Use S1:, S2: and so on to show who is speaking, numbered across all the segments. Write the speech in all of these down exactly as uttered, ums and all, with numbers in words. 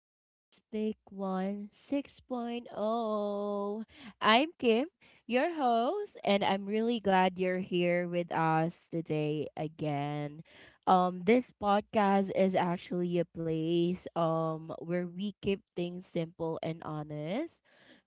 S1: to Just Pick One 6.0. I'm Kim, your host, and I'm really glad you're here with us today again. Um, this podcast is actually a place um where we keep things simple and honest.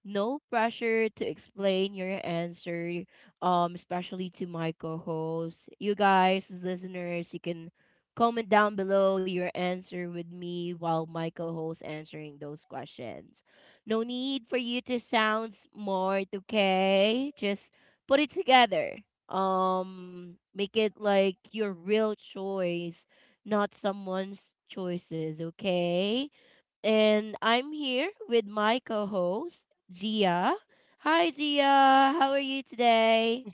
S1: No pressure to explain your answer, um, especially to my co-hosts. You guys, listeners, you can comment down below your answer with me while my co host answering those questions. No need for you to sound smart, okay? Just put it together. Um make it like your real choice, not someone's choices, okay? And I'm here with my co-host, Gia. Hi Gia, how are you today?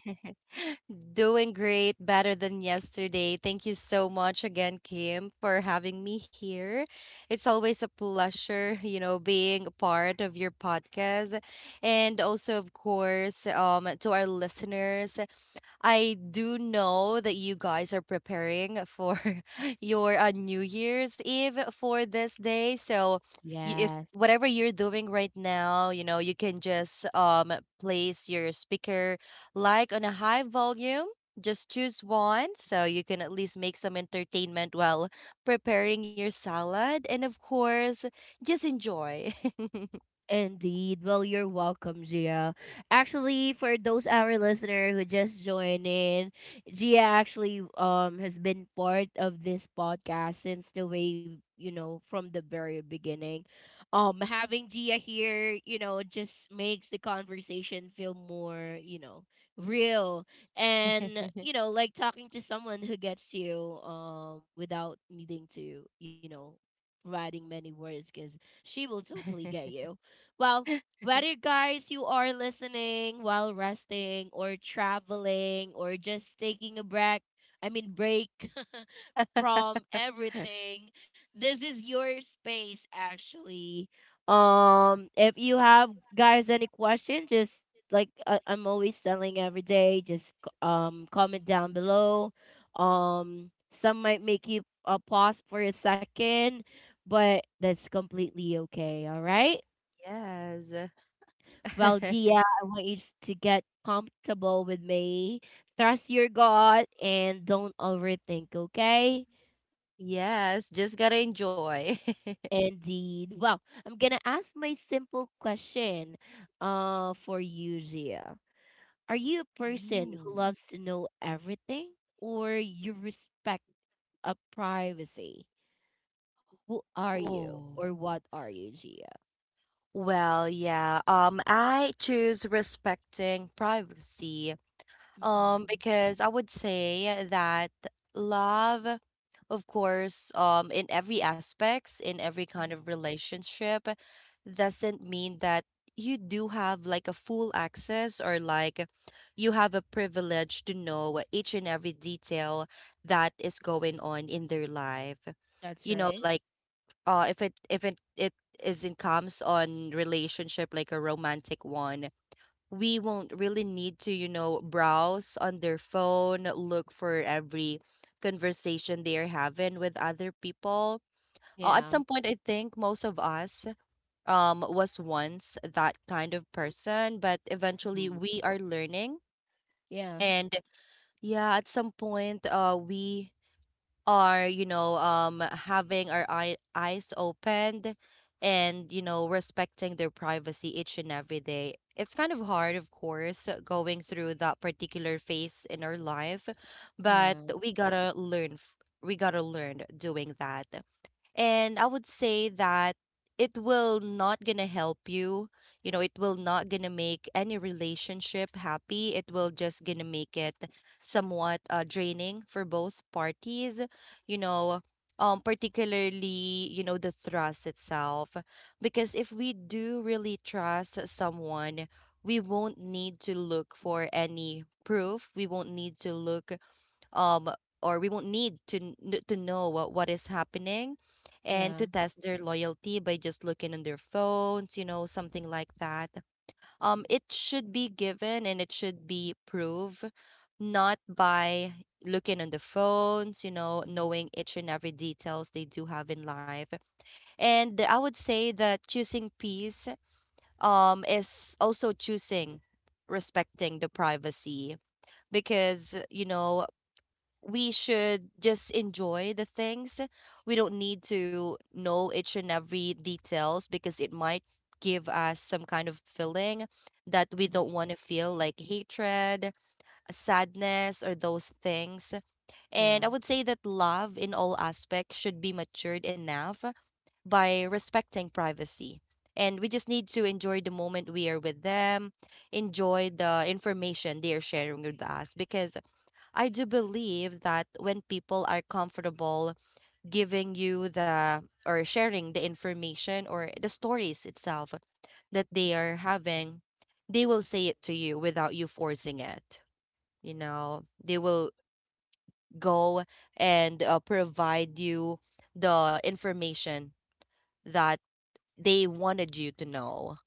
S2: Doing great, better than yesterday. Thank you so much again, Kim, for having me here. It's always a pleasure, you know, being a part of your podcast. And also, of course, um, to our listeners, I do know that you guys are preparing for your uh, New Year's Eve for this day. So, y- if
S1: Yes.
S2: whatever you're doing right now, you know, you can just um place your speaker like on a high volume. Just choose one so you can at least make some entertainment while preparing your salad. And of course, just enjoy.
S1: Indeed. Well, you're welcome, Gia. Actually, for those our listener who just joined in, Gia actually um has been part of this podcast since the way you know from the very beginning. Um, having Gia here, you know, just makes the conversation feel more you know real and you know like talking to someone who gets you um without needing to you know providing many words because she will totally get you. Well, whether guys you are listening while resting or traveling or just taking a break, I mean break from everything, this is your space actually. Um if you have guys any question, just like I- I'm always telling every day, just c- um comment down below. Um some might make you uh, pause for a second, but that's completely okay, all right?
S2: Yes.
S1: While, Gia, I want you to get comfortable with me, trust your God and don't overthink, okay?
S2: Yes, just gotta enjoy.
S1: Indeed. Well, I'm gonna ask my simple question uh for you, Gia. Are you a person who
S2: Mm.
S1: loves to know everything or you respect a privacy? Who are you
S2: Oh,
S1: or what are you, Gia?
S2: well, yeah. Um, I choose respecting privacy. Um,
S1: Mm-hmm.
S2: because I would say that love, of course, um, in every aspects, in every kind of
S1: Mm-hmm.
S2: relationship, doesn't mean that you do have like a full access or like you have a privilege to know each and every detail that is going on in their life.
S1: That's
S2: You know,
S1: right.
S2: like uh, if it if it it isn't comes on relationship like a romantic one, we won't really need to, you know, browse on their phone, look for every conversation they are having with other people. Uh, at
S1: Yeah.
S2: some point, I think most of us um, was once that kind of person, but eventually
S1: Mhm.
S2: we are learning.
S1: Yeah.
S2: And yeah, at some point, uh, we are you know um having our eye- eyes opened and you know respecting their privacy each and every day. It's kind of hard, of course, going through that particular phase in our life, but
S1: Yeah.
S2: we gotta learn f- we gotta learn doing that. And I would say that it will not gonna help you, you know it will not gonna make any relationship happy, it will just gonna make it somewhat uh, draining for both parties, you know um particularly, you know the trust itself. Because if we do really trust someone, we won't need to look for any proof, we won't need to look um or we won't need to kn- to know what, what is happening, and to
S1: Yeah.
S2: test their loyalty by just looking on their phones, you know something like that. Um it should be given and it should be proved, not by looking on the phones, you know
S1: Mm-hmm.
S2: knowing each and every details they do have in life. And I would say that choosing peace um is also choosing respecting the privacy, because you know we should just enjoy the things. We don't need to know each and every details because it might give us some kind of feeling that we don't want to feel like hatred, sadness or those things.
S1: Yeah.
S2: And I would say that love in all aspects should be matured enough by respecting privacy. And we just need to enjoy the moment we are with them, enjoy the information they are sharing with us, because I do believe that when people are comfortable giving you the or sharing the information or the stories itself that they are having, they will say it to you without you forcing it. You know, they will go and uh, provide you the information that they wanted you to know.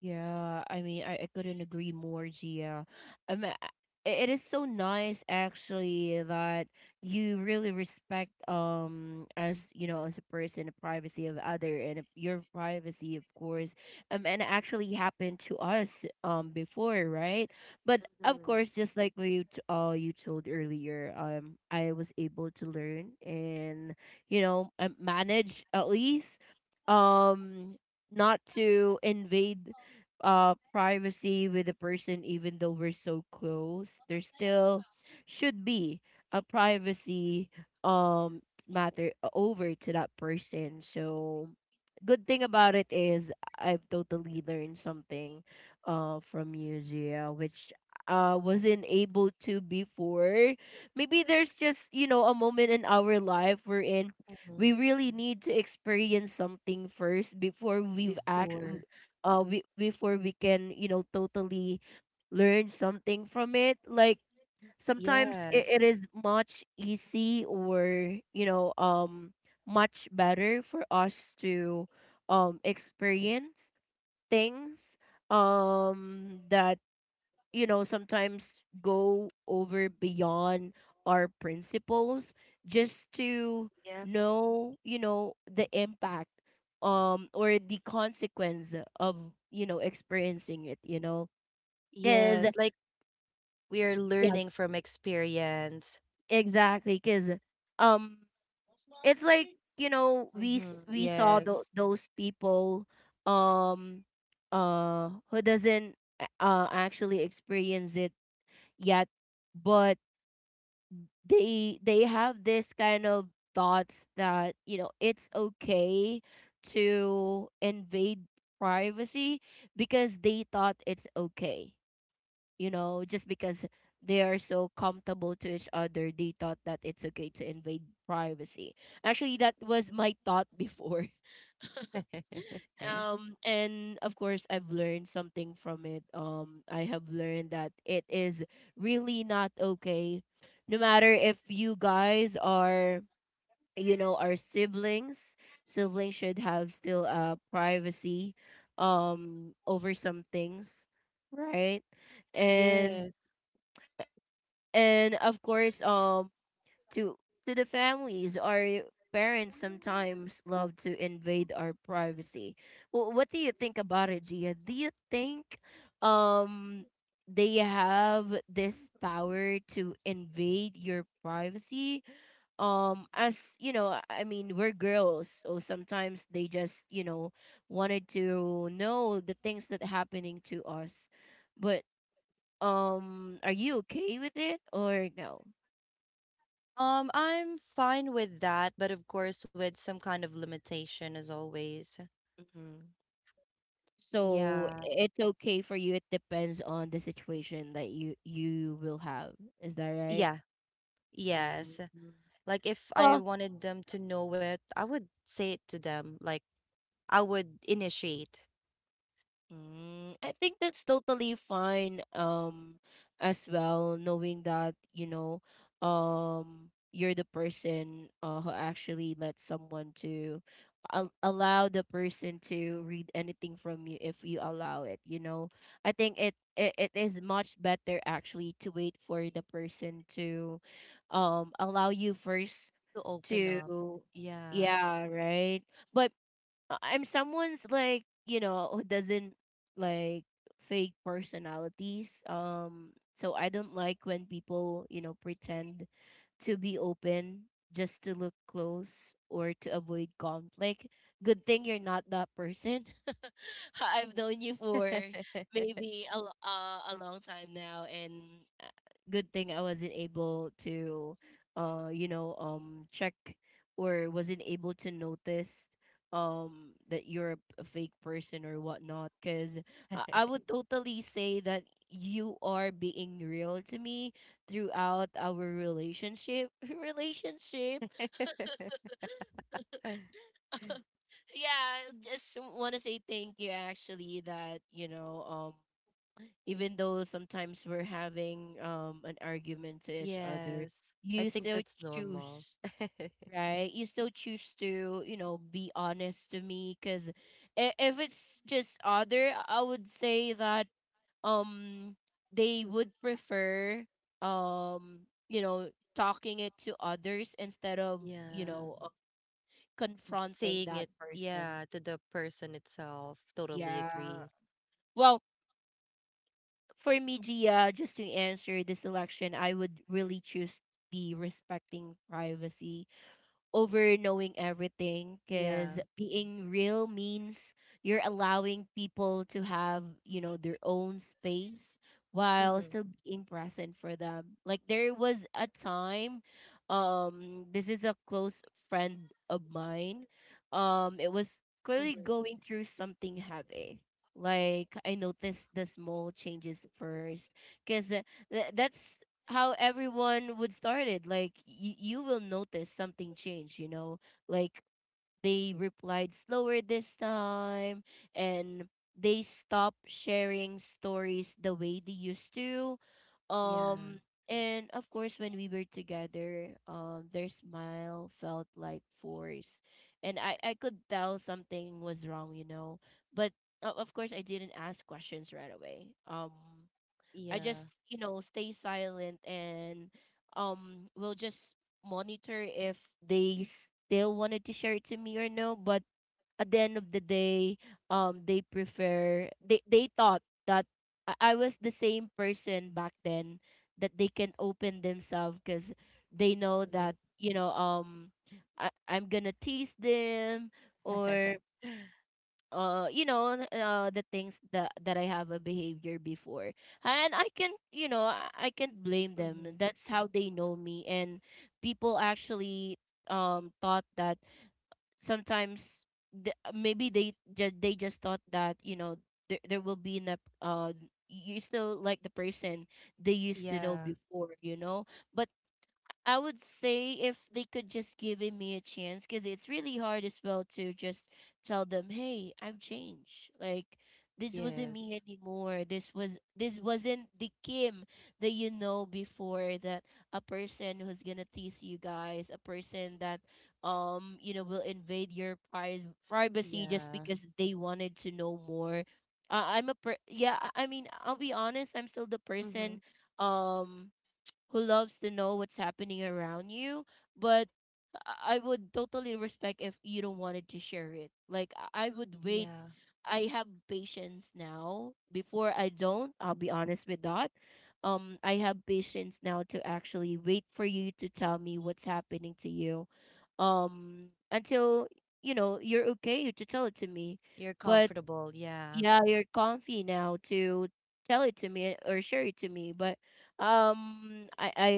S1: Yeah, I mean, I, I couldn't agree more, Gia. I mean, I- it is so nice actually that you really respect, um as you know, as a person, the privacy of other, and if your privacy of course, um and it actually happened to us um before, right? But of course, just like what you t- uh you told earlier, um I was able to learn and, you know, um, manage, at least, um not to invade uh privacy with a person. Even though we're so close, there still should be a privacy, um matter over to that person. So good thing about it is I've totally learned something uh from you, Gia, which uh wasn't able to before. Maybe there's just, you know, a moment in our life we're in
S2: Mhm.
S1: we really need to experience something first before we've act
S2: Before.
S1: uh we, before we can, you know, totally learn something from it. Like sometimes
S2: Yes.
S1: it, it is much easy, or, you know, um much better for us to um experience things, um that, you know, sometimes go over beyond our principles, just to
S2: Yeah.
S1: know, you know, the impact, um or the consequence of, you know, experiencing it, you know. Cuz
S2: Yes. Like we are
S1: yeah,
S2: learning from experience.
S1: exactly cuz um it's like, you know, we s-
S2: Mm-hmm.
S1: we saw tho-
S2: Yes.
S1: those people, um uh who doesn't uh actually experience it yet, but they they have this kind of thoughts that, you know, it's okay to invade privacy, because they thought it's okay, you know, just because they are so comfortable to each other, they thought that it's okay to invade privacy. Actually that was my thought before. Um and of course, I've learned something from it. um I have learned that it is really not okay, no matter if you guys are, you know, our siblings. Siblings should have still uh privacy, um over some things, right? and
S2: Yes.
S1: and of course, um to to the families, our parents sometimes love to invade our privacy. Well, what do you think about it, Gia? Do you think um they have this power to invade your privacy? Um as you know, i I mean, we're girls, so sometimes they just, you know, wanted to know the things that happening to us. But um are you okay with it or no?
S2: Um, I'm fine with that, but of course with some kind of limitation as always.
S1: Mm-hmm. So
S2: Yeah.
S1: it's okay for you. It depends on the situation that you you will have. Is that right?
S2: Yeah.
S1: Mm.
S2: Yes. Like if I
S1: Well,
S2: wanted them to know it, I would say it to them. Like I would initiate
S1: Mm, I think that's totally fine, um as well, knowing that, you know, um you're the person, uh, who actually lets someone to al- allow the person to read anything from you if you allow it, you know. I think it it, it is much better actually to wait for the person to um allow you first
S2: to open up.
S1: to.
S2: Yeah.
S1: Yeah, right. But uh, I'm someone's like, you know, who doesn't like fake personalities. Um, so I don't like when people you know pretend to be open just to look close or to avoid conflict. Good thing you're not that person. I've known you for maybe a lo- uh, a long time now, and uh, good thing I wasn't able to, uh, you know, um, check or wasn't able to notice um that you're a fake person or whatnot because I, I would totally say that you are being real to me throughout our relationship relationship yeah. Just want to say thank you actually that, you know, um even though sometimes we're having um an argument to each other,
S2: Yes. I
S1: you
S2: think
S1: still
S2: that's
S1: choose,
S2: normal.
S1: right? You still choose to, you know, be honest to me because if it's just other, I would say that um they would prefer, um you know talking it to others instead of you
S2: Yeah.
S1: know uh, confronting
S2: Saying
S1: that
S2: it,
S1: person.
S2: yeah, to the person itself. Totally
S1: Yeah.
S2: agree.
S1: Well, for me, Gia, just to answer this election, I would really choose the respecting privacy over knowing everything, because
S2: Yeah.
S1: being real means you're allowing people to have you know their own space, while
S2: Mm-hmm.
S1: still being present for them. Like there was a time, um this is a close friend of mine, um it
S2: Mm-hmm.
S1: was clearly going through something heavy. Like I noticed the small changes first, because th- that's how everyone would start it. Like y- you will notice something change, you know, like they replied slower this time, and they stopped sharing stories the way they used to.
S2: Yeah.
S1: um and of course, when we were together, um their smile felt like force, and i i could tell something was wrong, you know. But uh, of course I didn't ask questions right away. um I
S2: Yeah.
S1: just, you know, stay silent and um will just monitor if they still wanted to share it to me or no. But at the end of the day, um they prefer they they thought that I, I was the same person back then that they can open themselves because they know
S2: Mm-hmm.
S1: that, you know, um I, I'm gonna tease them, or uh you know uh the things that that I have a behavior before. And I can, you know, i I can't blame them.
S2: Mm-hmm.
S1: That's how they know me. And people actually um thought that sometimes, th- maybe they ju- they just thought that, you know, there, there will be an uh you still like the person they used to know
S2: Yeah.
S1: before, you know. But I would say if they could just give it me a chance, because it's really hard as well to just tell them, "Hey, I've changed. Like this wasn't me
S2: Yes.
S1: anymore. This was this wasn't the Kim that you know before. That a person who's gonna tease you guys, a person that um you know will invade your pri- privacy just
S2: Yeah.
S1: because they wanted to know more. Uh, I'm a per- yeah. I I mean, I'll be honest. I'm still the person. Um, who loves to know what's happening around you, but I I would totally respect if you don't wanted to share it. Like I I would wait.
S2: Yeah.
S1: I have patience now. Before I don't, I'll be honest with that. Um, I have patience now to actually wait for you to tell me what's happening to you. Um, until you know you're okay to tell it to me,
S2: You're
S1: but
S2: comfortable. Yeah.
S1: yeah, you're comfy now to tell it to me or share it to me. But um, I I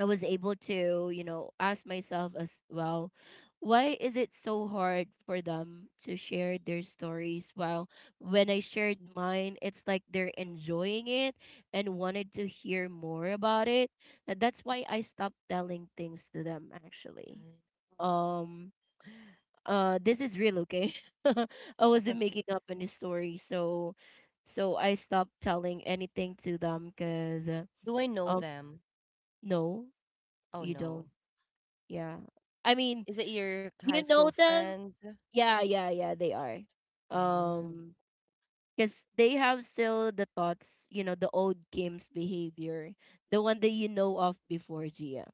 S1: I was able to, you know, ask myself as well, why is it so hard for them to share their stories? While when I shared mine, it's like they're enjoying it and wanted to hear more about it. And that's why I stopped telling things to them actually. Um uh this is real, okay? I wasn't making up any story, so so I stopped telling anything to them because uh,
S2: Do I know
S1: um
S2: them?
S1: no,
S2: Oh
S1: you
S2: no.
S1: don't. Yeah. I mean,
S2: Is it your high
S1: you
S2: school
S1: know them.
S2: friend?
S1: Yeah, yeah, yeah, they are.
S2: Mm,
S1: Um, because they have still the thoughts, you know, the old games behavior, the one that you know of before, Gia.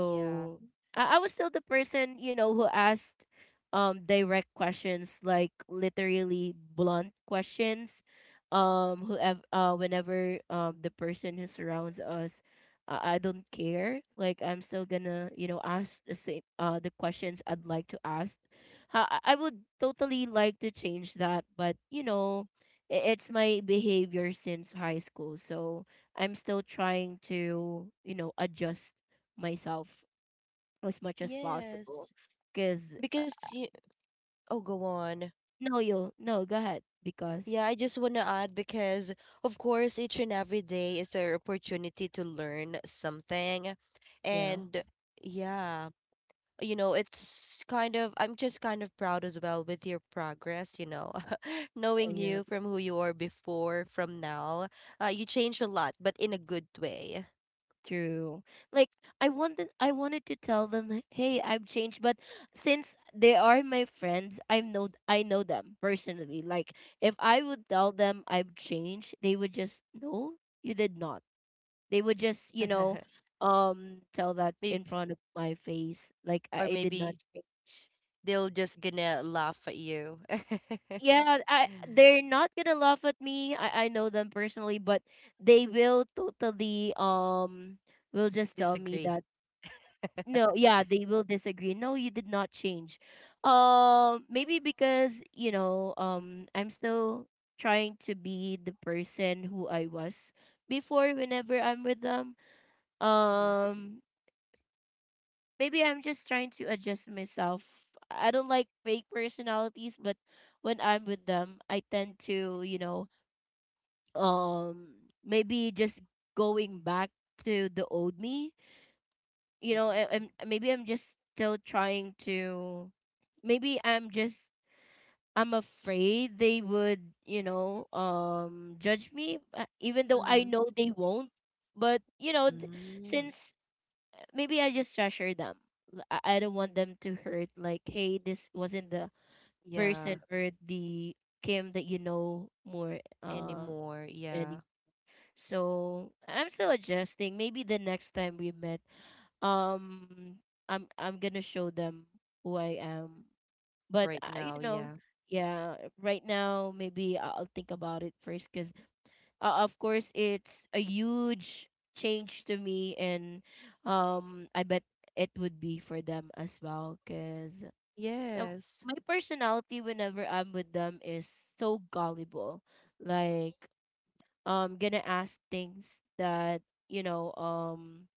S2: yeah.
S1: I, I was still the person, you know, who asked um direct questions, like literally blunt questions. Um, whoever, uh, whenever um the person who surrounds us, uh, I don't care. Like I'm still gonna, you know, ask the same, uh, the questions I'd like to ask. Ha- I, I would totally like to change that, but you know, i- it's my behavior since high school, so I'm still trying to, you know, adjust myself as much as possible.
S2: Yes.
S1: Cause uh,
S2: Because you, oh, go on.
S1: No, you no, go ahead. Because
S2: Yeah, I just want to add because, of course, each and every day is an opportunity to learn something.
S1: yeah,
S2: And yeah, you know, it's kind of, I'm just kind of proud as well with your progress, you know,
S1: uh,
S2: knowing
S1: yeah,
S2: you from who you were before, from now. Uh, you changed a lot, but in a good way.
S1: true. Like I wanted, I wanted to tell them, like, hey, I've changed. But since they are my friends, I know, I know them personally. Like if I would tell them I've changed, they would just no, you did not. They would just, you know, um, tell that in
S2: Maybe,
S1: front of my face, like
S2: or
S1: I, I did not
S2: maybe
S1: change.
S2: they'll just gonna laugh at you.
S1: Yeah, I they're not gonna laugh at me. I I know them personally, but they will totally um will just tell me
S2: Disagree.
S1: that no, yeah, they will disagree. No, you did not change. Um, maybe because you know um I'm still trying to be the person who I was before whenever I'm with them. Um, Maybe I'm just trying to adjust myself. I don't like fake personalities, but when I'm with them, I tend to you know um maybe just going back to the old me you know I, i'm maybe I'm just still trying to maybe I'm just I'm afraid they would you know um judge me uh, even though I know they won't but you know th- since maybe I just treasure them L- i I don't want them to hurt like hey this wasn't the
S2: Yeah,
S1: person or the kim that you know more uh
S2: anymore. Yeah,
S1: anymore. So I'm still adjusting. Maybe the next time we met, um, I'm I'm gonna show them who I am. But
S2: right
S1: uh,
S2: now.
S1: you
S2: Yeah.
S1: know, yeah, right now maybe I- I'll think about it first, because uh, of course it's a huge change to me, and um, I bet it would be for them as well, because
S2: Yes.
S1: my personality whenever I'm with them is so gullible, like um gonna ask things that you know um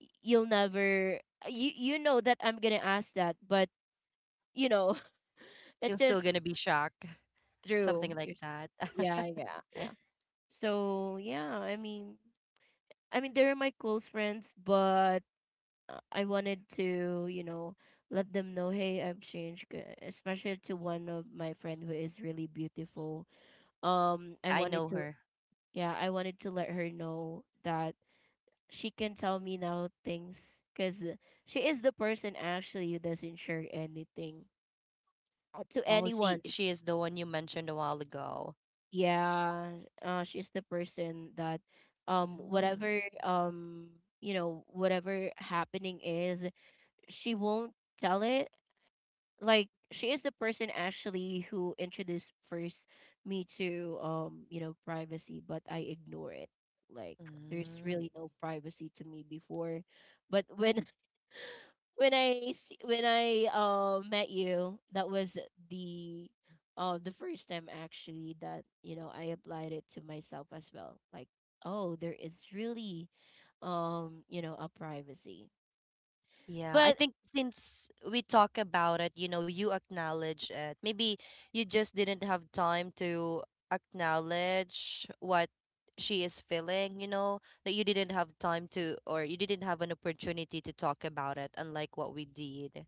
S1: y- you'll never uh, you you know that I'm gonna ask that but you know it's
S2: You're still
S1: just
S2: gonna be shocked.
S1: true
S2: Something like
S1: you s-
S2: that.
S1: yeah yeah yeah so yeah I mean I mean they're my close friends but uh, I wanted to you know let them know hey I've changed g- especially to one of my friend who is really beautiful um I
S2: I
S1: wanted
S2: know
S1: to
S2: her.
S1: yeah I wanted to let her know that she can tell me now things because she is the person actually who doesn't share anything uh, to
S2: Oh, see,
S1: anyone.
S2: she is the one you mentioned a while ago.
S1: Yeah, uh, she's the person that um
S2: Mm.
S1: whatever um you know whatever happening is she won't tell it. Like she is the person actually who introduced first me to um you know privacy, but I ignore it. Like there's
S2: Mm.
S1: really no privacy to me before but when when I s- when I uh, met you, that was the uh, the first time actually that you know I applied it to myself as well. Like, oh, there is really um you know a privacy,
S2: Yeah, I
S1: but
S2: think since we talk about it, you know, you acknowledge it. Maybe you just didn't have time to acknowledge what she is feeling, you know, that you didn't have time to, or you didn't have an opportunity to talk about it, unlike what we did.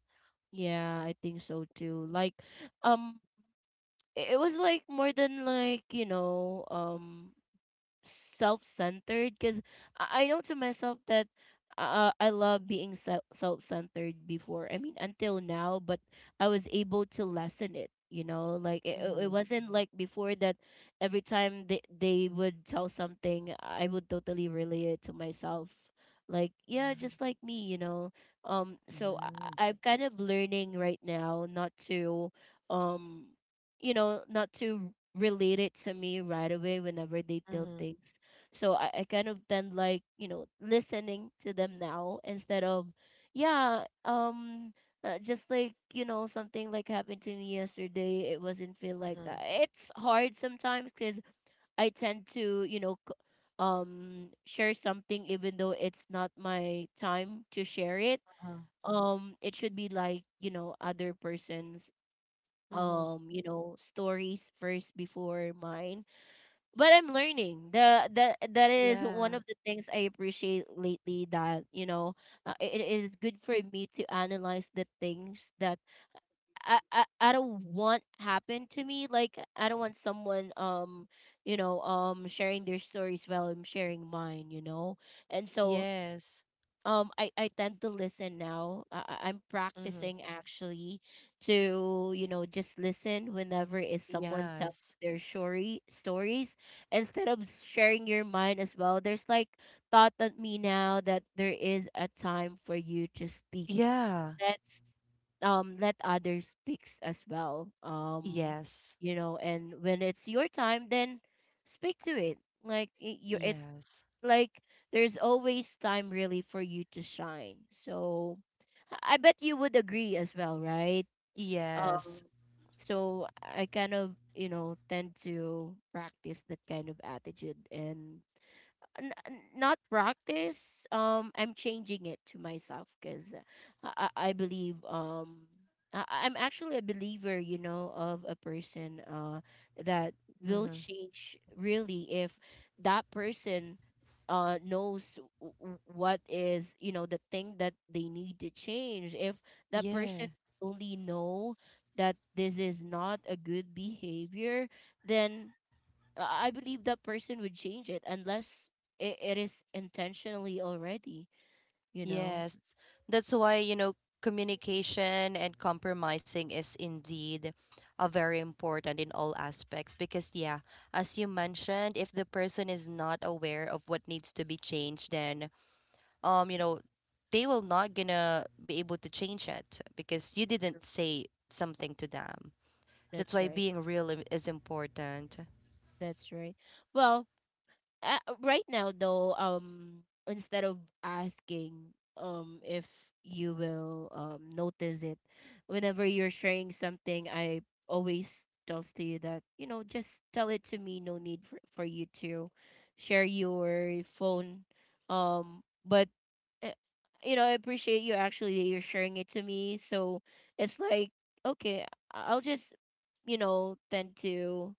S1: yeah, I think so too. Like, um, i- it was like more than like you know um self-centered because I, I know to myself that uh, I love being se- self-centered before. I mean, until now, but I was able to lessen it. You know, like it, it it
S2: Mhm.
S1: wasn't like before that every time they, they would tell something, I would totally relay it to myself. Like, yeah,
S2: Yeah.
S1: just like me, you know. Um, so I,
S2: Mm.
S1: I- I'm kind of learning right now not to um you know, not to relate it to me right away whenever they tell
S2: Mm-hmm.
S1: things. So I, I kind of then like, you know, listening to them now instead of, yeah, um, uh, just like, you know, something like happened to me yesterday. It wasn't feel like
S2: Mm-hmm.
S1: that. It's hard sometimes because I tend to, you know, c- um, share something even though it's not my time to share it.
S2: Uh-huh.
S1: Um, it should be like, you know, other person's
S2: Mm-hmm.
S1: um you know stories first before mine but I'm learning the that that is one
S2: Yeah.
S1: of the things I appreciate lately that you know uh, it, it is good for me to analyze the things that I, I I don't want happen to me like I don't want someone um you know um sharing their stories while I'm sharing mine you know and so
S2: Yes.
S1: um I I tend to listen now. I, I- I'm
S2: Mhm.
S1: practicing actually to you know just listen whenever is someone telling
S2: Yes.
S1: their story stories instead of sharing your mind as well. There's like thought at me now that there is a time for you to speak.
S2: Yeah.
S1: Let's um let others speaks as well. Um,
S2: Yes.
S1: you know, and when it's your time, then speak to it. Like y- you, it's
S2: Yes.
S1: like there's always time really for you to shine. So I I bet you would agree as well, right? Um
S2: Yes.
S1: so I kind of, you know, tend to practice that kind of attitude and n- n- not practice um I'm changing it to myself because I, I I believe um I, I'm actually a believer you know of a person uh that will
S2: Mm-hmm.
S1: change really if that person uh knows w- w- what is you know the thing that they need to change if that person
S2: Yeah.
S1: only know that this is not a good behavior then uh, I believe that person would change it unless it, it is intentionally already. You know,
S2: Yes. That's why, you know, communication and compromising is indeed a very important in all aspects, because yeah, as you mentioned, if the person is not aware of what needs to be changed, then um, you know, they will not gonna be able to change it because you didn't say something to them. That's
S1: that's
S2: why
S1: right.
S2: being real i- is important.
S1: That's right. Well, uh, right now though, um, instead of asking, um, if you will um notice it, whenever you're sharing something, I always tells to you that you know just tell it to me. No need for, for you to share your phone. Um, but uh, you know, I appreciate you actually that you're sharing it to me. So it's like, okay, I- I'll just, you know, tend to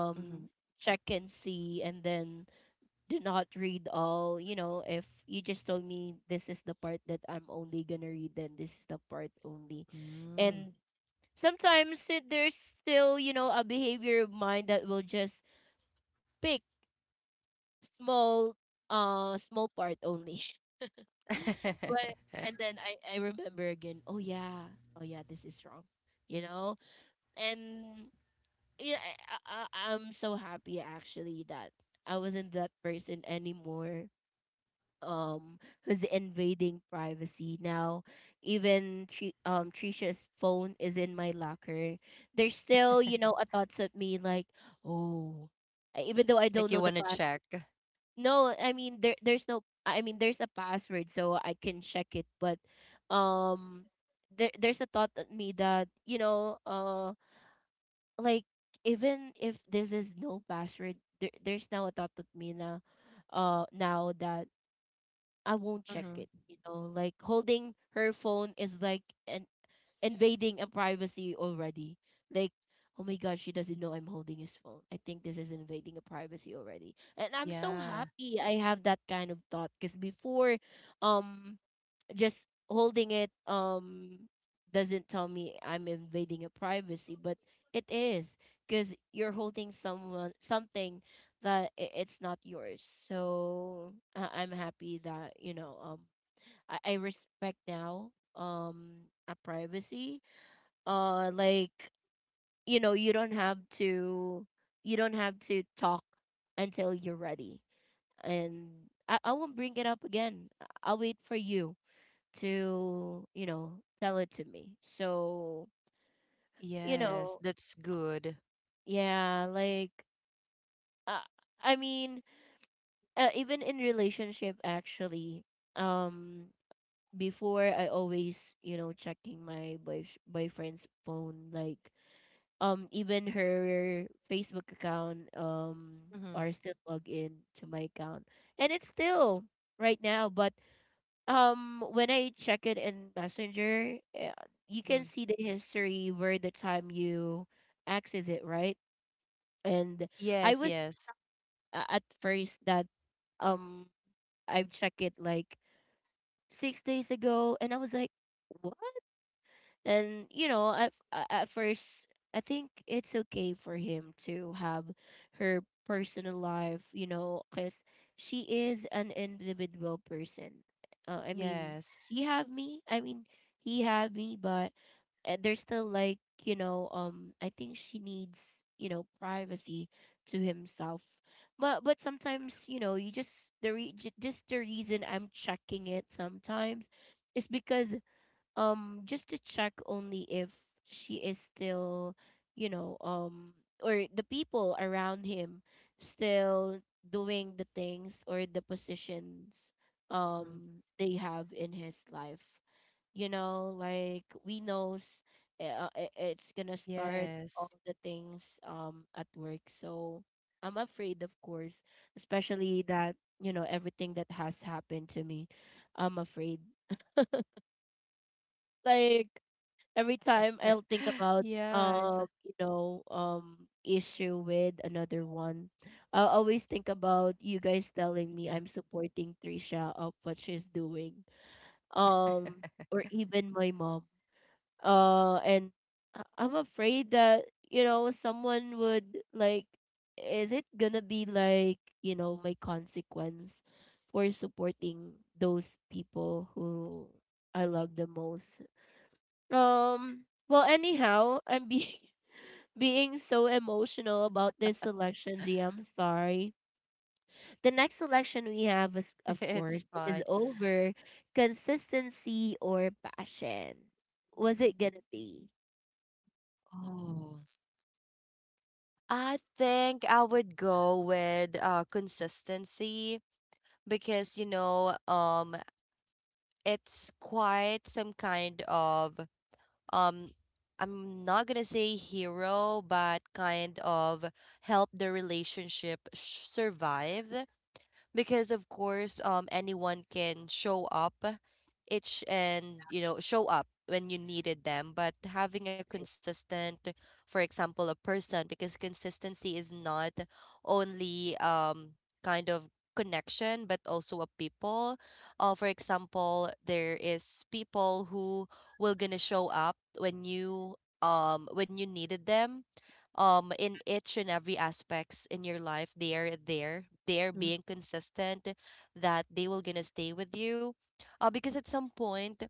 S2: Mm-hmm.
S1: check and see and then do not read all, you know, if you just told me this is the part that I'm only gonna read, then this is the part only. And sometimes it, there's still, you know, a behavior of mine that will just pick small uh small part only
S2: Mm.
S1: but and then I I remember again. Oh yeah, oh yeah, this is wrong. You know, and yeah, I, I I- I'm so happy actually that I wasn't that person anymore. Um, Who's invading privacy now? Even Tri- um Trisha's phone is in my locker. There's still you know a thoughts of me like oh. I- Even though I
S2: Like
S1: don't know
S2: you
S1: the
S2: want to check.
S1: no, I mean there there's no I mean there's a password so I can check it but um there there's a thought at me that you know uh like even if this is no password there, there's now a thought at me na uh now that I won't check
S2: Mm-hmm.
S1: it. You know, like holding her phone is like an invading a privacy already. Like, oh my gosh, she doesn't know I'm holding his phone. I think this is invading a privacy already. And I'm so
S2: Yeah.
S1: happy I have that kind of thought because before, um, just holding it um doesn't tell me I'm invading a privacy, but it is because you're holding someone something that i- it's not yours. So I- I'm happy that you know um I, I respect now um a privacy. Uh, like you know you don't have to you don't have to talk until you're ready, and I I won't bring it up again. I- I'll wait for you to, you know, tell it to me. So, you
S2: Yes.
S1: know,
S2: That's good.
S1: yeah, like uh, I mean, uh, even in relationship actually, um before I always, you know, checking my boy boyfriend's phone like um even her Facebook account um
S2: Mm-hmm.
S1: are still logged in to my account. And it's still right now, but um when I check it in Messenger, eh, you can
S2: Mm-hmm.
S1: see the history where the time you access it, right? And I
S2: Yes.
S1: was
S2: Yes.
S1: a- at first that um I check it like six days ago, and I was like, what? And you know, at a- at first, I think it's okay for him to have her personal life. You know, because she is an individual person. Uh, I mean,
S2: Yes.
S1: she have me. I mean, he have me, but uh, there's still like, you know um I think she needs, you know privacy to himself. But but sometimes, you know, you just the re- ju- just the reason I'm checking it sometimes is because, um just to check only if she is still, you know um or the people around him still doing the things or the positions,
S2: Mhm.
S1: um they have in his life. You know, like we knows, uh, i- it's gonna start
S2: Yes.
S1: all the things um at work, so I'm afraid, of course, especially that, you know, everything that has happened to me, I'm afraid, like every time I'll think about
S2: Yeah. It's a-
S1: um you know um issue with another one, I'll always think about you guys telling me
S2: Yeah.
S1: I'm supporting Trisha of what she's doing. Um or even my mom. Uh and I- I'm afraid that, you know, someone would like, is it gonna be like, you know, my consequence for supporting those people who I love the most um. Well, anyhow, I'm being being so emotional about this selection, Z. I'm sorry. The next selection we have is, of
S2: It's
S1: course, it
S2: fine.
S1: is over consistency or passion. Was it
S2: Mm.
S1: gonna be?
S2: Oh, I think I would go with uh consistency, because you know um it's quite some kind of um I'm not gonna say hero, but kind of help the relationship sh- survive. Because of course um anyone can show up each, and you know show up when you needed them, but having a consistent, for example, a person, because consistency is not only um kind of connection but also a people. Uh, for example, there is people who will gonna show up when you um when you needed them um in each and every aspects in your life. They're there, they're
S1: Mm.
S2: being consistent, that they will gonna stay with you. Uh, because at some point,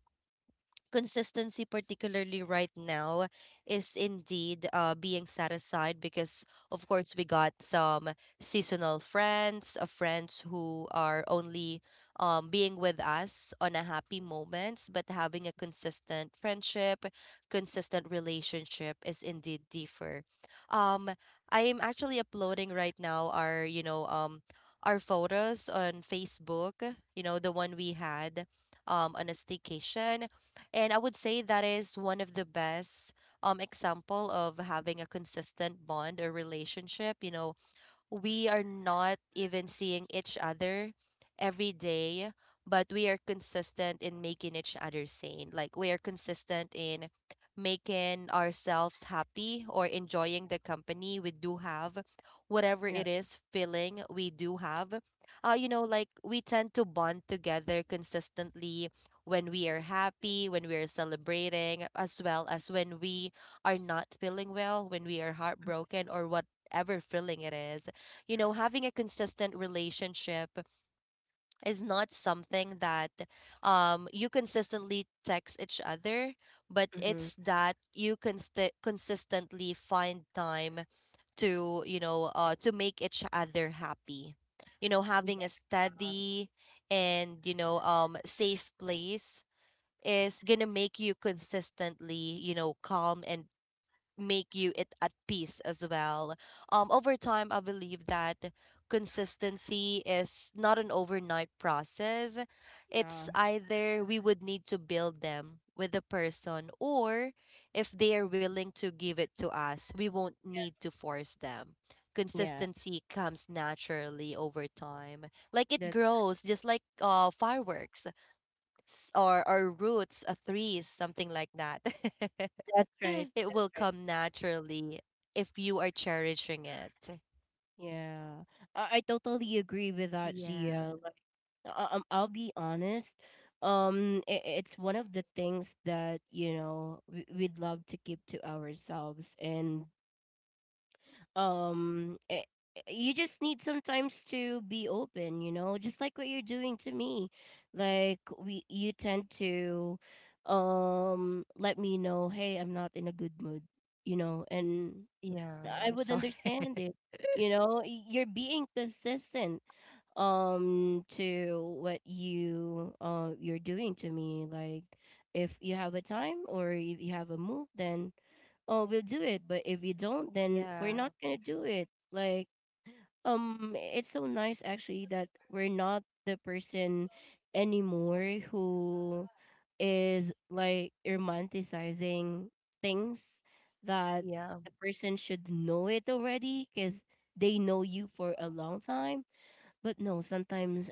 S2: consistency particularly right now is indeed uh, being set aside, because of course we got some seasonal friends, uh, friends who are only um, being with us on a happy moments. But having a consistent friendship consistent relationship is indeed deeper. um, i am actually uploading right now our you know um, our photos on Facebook, you know the one we had um, on a staycation. And I would say that is one of the best um example of having a consistent bond or relationship. You know, we are not even seeing each other every day, but we are consistent in making each other sane. Like we are consistent in making ourselves happy or enjoying the company we do have, whatever
S1: Yeah.
S2: it is feeling we do have. Uh, you know, like we tend to bond together consistently when we are happy, when we are celebrating, as well as when we are not feeling well, when we are heartbroken, or whatever feeling it is. You know having a consistent relationship is not something that um you consistently text each other, but
S1: Mm-hmm.
S2: it's that you const- consistently find time to you know uh to make each other happy. You know having
S1: Yeah.
S2: a steady and you know um safe place is gonna make you consistently you know calm and make you it at peace as well. Um, over time, I believe that consistency is not an overnight process. It's
S1: Yeah.
S2: either we would need to build them with the person, or if they are willing to give it to us, we won't need to force them.
S1: Yeah.
S2: Consistency comes naturally over time, like it
S1: That's
S2: grows, just like uh, fireworks, s- or or roots, a threes, something like that.
S1: that's right.
S2: It will
S1: That's
S2: come naturally if you are cherishing it.
S1: Yeah, I, I totally agree with that,
S2: Yeah.
S1: Gia. Like, I, um, I'll be honest. Um, I It's one of the things that, you know, we, we'd love to keep to ourselves, and um, I you just need sometimes to be open. You know, just like what you're doing to me. Like, we, you tend to, um, let me know, hey, I'm not in a good mood. You know. And
S2: Yeah. I'm
S1: I would
S2: sorry.
S1: understand it. You know, Y- you're being consistent um to what you uh you're doing to me. Like, if you have a time or if you have a move, then oh, we'll do it. But if you don't, then
S2: Yeah.
S1: we're not gonna do it. Like, um it's so nice actually that we're not the person anymore who is like romanticizing things that
S2: Yeah.
S1: the person should know it already, because they know you for a long time. But no, sometimes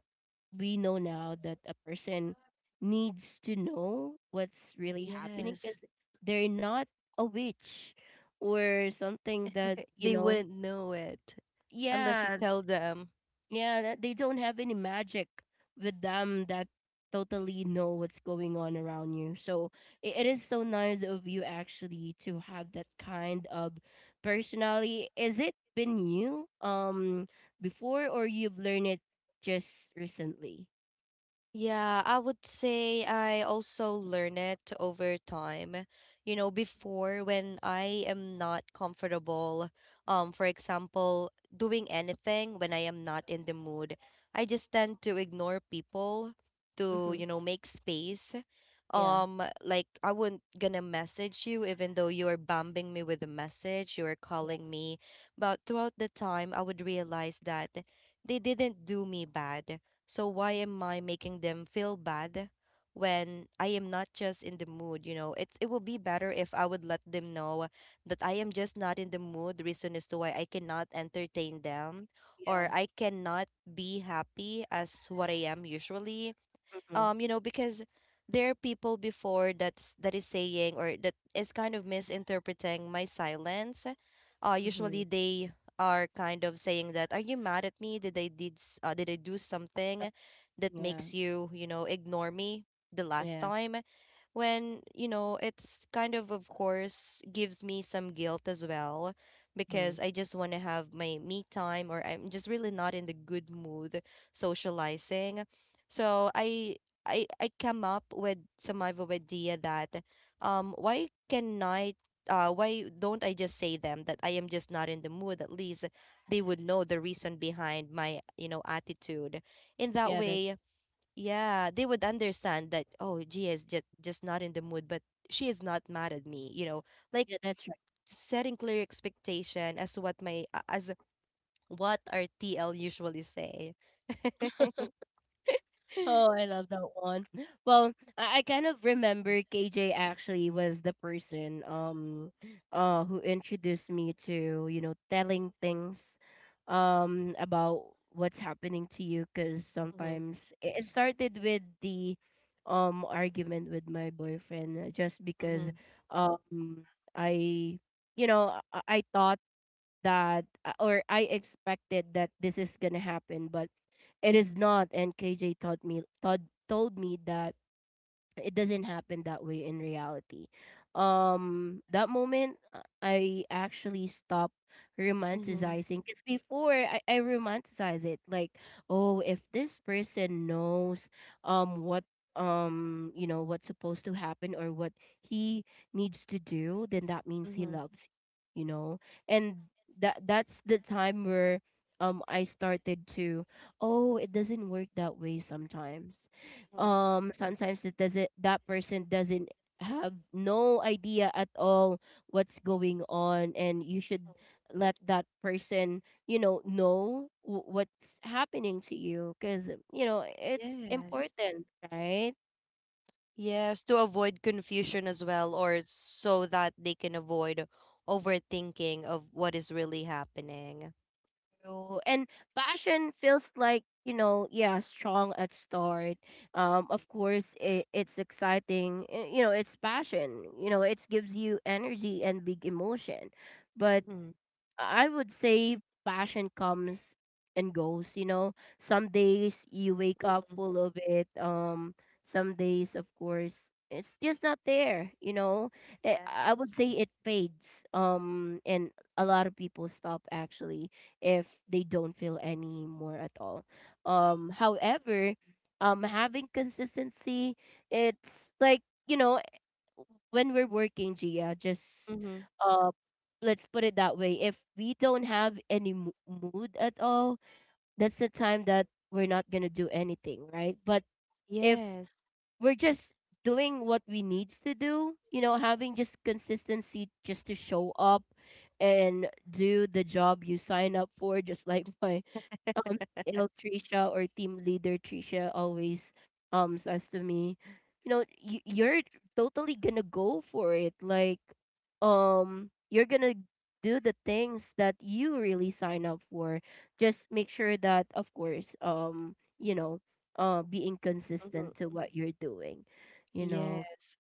S1: we know now that a person needs to know what's really happening,
S2: Yes.
S1: because they're not a witch or something that, you
S2: They
S1: know.
S2: wouldn't know it unless you
S1: Yeah,
S2: tell them.
S1: yeah, that they don't have any magic with them that totally know what's going on around you. So i- it is so nice of you actually to have that kind of personality. Is it been you, um before, or you've learned it just recently?
S2: Yeah, I would say I also learn it over time. You know, before, when I am not comfortable, um, for example, doing anything when I am not in the mood, I just tend to ignore people to,
S1: Mm-hmm.
S2: you know, make space.
S1: Yeah.
S2: Um, like I wouldn't gonna message you even though you are bombing me with a message, you are
S1: Yeah.
S2: calling me. But throughout the time, I would realize that they didn't do me bad, so why am I making them feel bad when I am not just in the mood, you know? It it will be better if I would let them know that I am just not in the mood. The reason as to why I cannot entertain them or
S1: Yeah.
S2: I cannot be happy as what I am usually
S1: Mm-hmm.
S2: um you know because there are people before that's that is saying or that is kind of misinterpreting my silence uh
S1: Mm-hmm.
S2: usually they are kind of saying that, are you mad at me? Did i did s- uh, did I do something that
S1: Yeah.
S2: makes you, you know, ignore me the last
S1: Yeah.
S2: time? When, you know, it's kind of of course gives me some guilt as well
S1: Mm-hmm.
S2: because I just want to have my me time or I'm just really not in the good mood socializing. So i I I come up with some of a idea that, um why can I, uh why don't I just say them that I am just not in the mood? At least they would know the reason behind my, you know, attitude in that
S1: Yeah. That.
S2: way. Yeah, they would understand that, oh, Gia is just just not in the mood, but she is not mad at me, you know, like,
S1: Yeah. That's
S2: setting clear expectation as what my, as what our T L usually say.
S1: Oh, I love that one. Well, I, I kind of remember K J actually was the person um uh who introduced me to, you know, telling things um about what's happening to you, because sometimes it it started with the um argument with my boyfriend, uh, just because um I you know I, I thought that, uh, or I expected that this is gonna happen, but it is not. And K J taught me told told me that it doesn't happen that way in reality. Um, that moment, uh, I actually stopped romanticizing, because before, I, I romanticize it like, oh, if this person knows, um, what, um you know what's supposed to happen or what he needs to do, then that means he loves you, you know. And that that's the time where, um I started to, oh, it doesn't work that way sometimes. Um sometimes it doesn't, that person doesn't have no idea at all what's going on, and you should let that person, you know know w- what's happening to you, because, you know, it's
S2: Yes.
S1: important, right?
S2: Yes, to avoid confusion as well, or so that they can avoid overthinking of what is really happening.
S1: So- and passion feels like, you know, yeah, strong at start, um of course. It, it's exciting, eh, you know, it's passion, you know, it gives you energy and big emotion. But
S2: Hmm.
S1: I would say passion comes and goes, you know. Some days you wake up full of it. Um some days, of course, it's just not there, you know. Eh, I would
S2: Yes.
S1: say it fades. Um and a lot of people stop actually if they don't feel any more at all. Um however, um having consistency, it's like, you know, when we're working, Gia, just,
S2: Hmm.
S1: uh, let's put it that way. If we don't have any mo- mood at all, that's the time that we're not going to do anything, right? But if
S2: Yes.
S1: we're just doing what we needs to do, you know, having just consistency, just to show up and do the job you sign up for, just like my um T L Trisha, or team leader Trisha, always um says to me, you know, you, you're totally gonna go for it. Like, um, you're gonna do the things that you really sign up for. Just make sure that, of course, um, you know, uh, being
S2: Hmm.
S1: consistent to what you're doing. You know,
S2: Yes.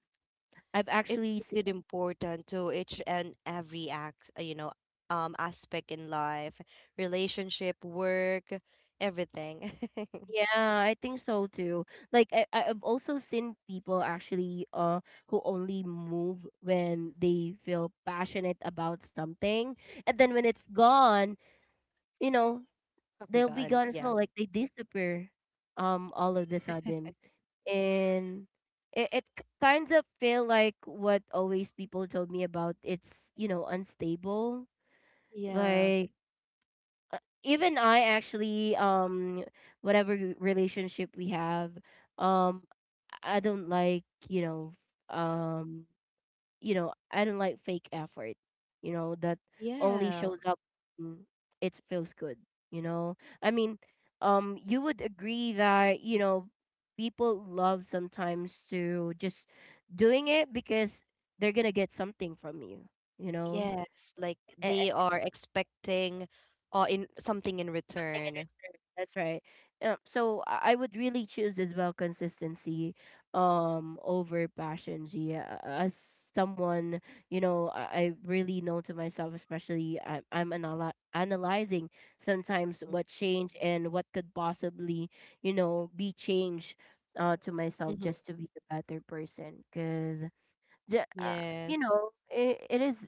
S1: I've
S2: It's
S1: actually
S2: indeed important to each and every act, uh, you know, um, aspect in life, relationship, work, everything.
S1: Yeah, I think so too. Like, I I've also seen people actually, uh who only move when they feel passionate about something, and then when it's gone, you know,
S2: I'm
S1: they'll be
S2: done.
S1: gone as well.
S2: Yeah.
S1: Like they disappear um all of the sudden. And it, it k- kinds of feel like what always people told me about, it's, you know, unstable.
S2: Yeah.
S1: Like, uh, even I actually, um whatever relationship we have, um I don't like, you know, um, you know, I don't like fake effort, you know, that only
S2: Yeah.
S1: shows up when it feels good, you know. I mean, um, you would agree that, you know, people love sometimes to just doing it because they're gonna get something from you, you know.
S2: Yes. Like they are expecting, uh, in something in
S1: Something in
S2: return.
S1: return. That's right. Um, so I I would really choose as well consistency um over passion, G A- as someone, you know, I, I really know to myself, especially I, I'm anal- analyzing sometimes what changed and what could possibly, you know, be changed, uh, to myself,
S2: Mm-hmm.
S1: just to be a better person. Because, uh, you
S2: Yes.
S1: know, it, it is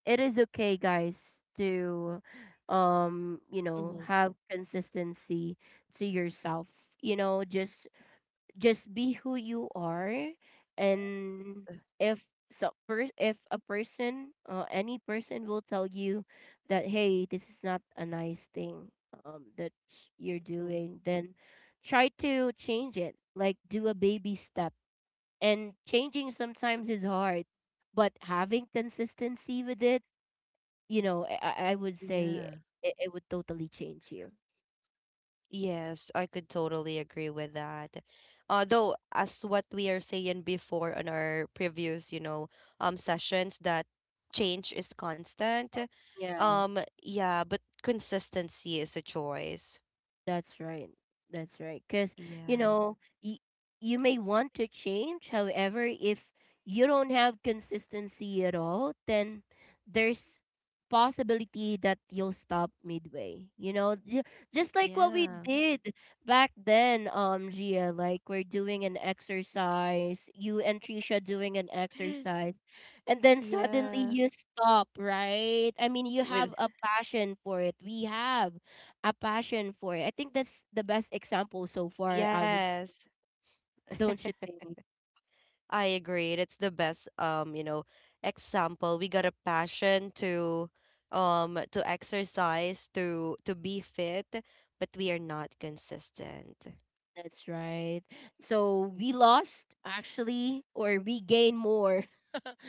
S1: it is okay, guys, to, um you know, have consistency to yourself, you know, just just be who you are. And if so per- if a person uh, any person will tell you that, hey, this is not a nice thing um that you're doing, then try to change it, like do a baby step. And changing sometimes is hard, but having consistency with it, you know, I, I I would say,
S2: Yeah.
S1: it, it would totally change you.
S2: Yes, I could totally agree with that. Although, as what we are saying before on our previous, you know, um, sessions, that change is constant.
S1: Yeah.
S2: Um, yeah, but consistency is a choice.
S1: That's right. That's right. Because, you
S2: Yeah,
S1: know, y- you may want to change. However, if you don't have consistency at all, then there's possibility that you'll stop midway. You know, Ju- just like what we
S2: yeah.
S1: did back then, um, Gia, like we're doing an exercise, you and Trisha doing an exercise, and then suddenly
S2: Yeah.
S1: you stop, right? I mean, you have
S2: With
S1: a passion for it. We have a passion for it. I think that's the best example so far. I would,
S2: yes.
S1: don't you think?
S2: I agree. It's the best um, you know, example. We got a passion to um to exercise, to to be fit, but we are not consistent.
S1: That's right. So we lost actually, or we gain more.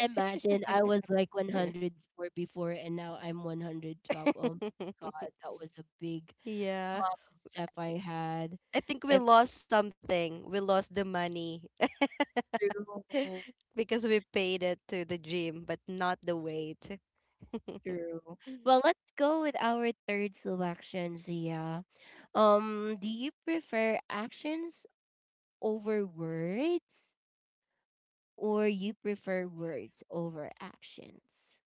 S1: Imagine I was like one hundred four before, and now I'm one hundred twelve. Oh my god, that was a big
S2: Yeah.
S1: mom step I had.
S2: I think we
S1: If
S2: lost something. We lost the money
S1: true,
S2: because we paid it to the gym, but not the weight.
S1: true. Well, let's go with our third selection, Zia. Um, do you prefer actions over words, or you prefer words over actions?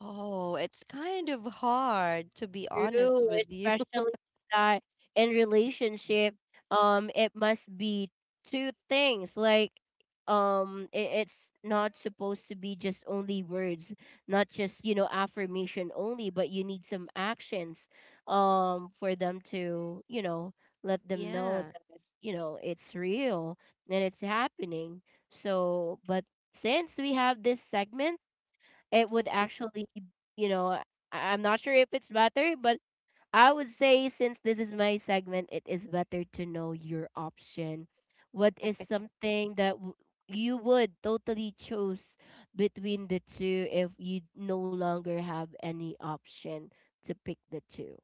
S2: Oh, it's kind of hard to be honest
S1: True,
S2: with you.
S1: especially that in relationship, um, it must be two things. Like, um, it, it's not supposed to be just only words, not just, you know, affirmation only, but you need some actions, um, for them to, you know, let them know
S2: Yeah.
S1: that, you know, it's real and it's happening. So, but since we have this segment, it would actually, you know, I- I'm not sure if it's better, but I would say since this is my segment, it is better to know your option. What is something that w- you would totally choose between the two if you no longer have any option to pick the two?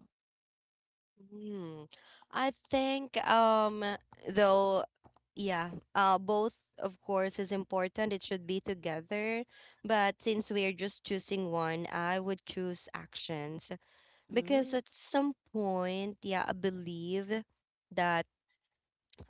S2: Hmm. I think um though yeah, uh both of course is important. It should be together, but since we are just choosing one, I would choose actions because
S1: Mm-hmm.
S2: at some point, yeah, I believe that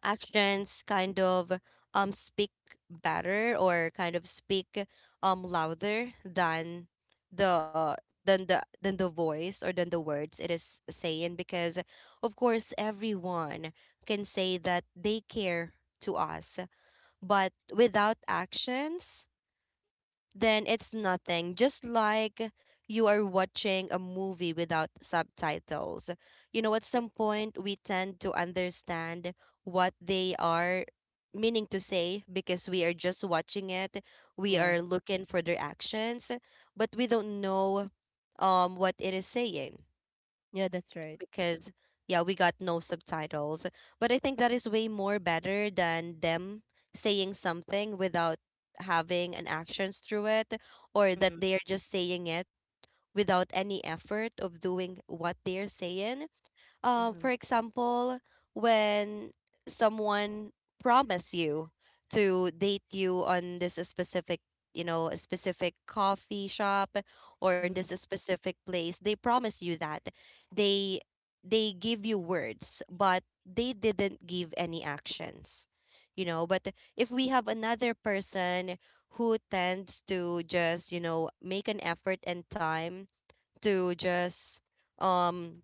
S2: actions kind of um speak better or kind of speak um louder than the than the than the voice or than the words it is saying because of course everyone can say that they care to us but without actions then it's nothing. Just like you are watching a movie without subtitles. You know, at some point, we tend to understand what they are meaning to say because we are just watching it. We
S1: Yeah.
S2: are looking for their actions, but we don't know um, what it is saying
S1: Yeah, that's right.
S2: because yeah, we got no subtitles. But I think that is way more better than them saying something without having an actions through it or that
S1: Mm-hmm.
S2: they are just saying it without any effort of doing what they're saying. Uh,
S1: Mm-hmm.
S2: for example, when someone promise you to date you on this specific, you know, a specific coffee shop or in this
S1: Mm-hmm.
S2: specific place, they promise you that they they give you words, but they didn't give any actions. You know, but if we have another person who tends to just, you know, make an effort and time to just um,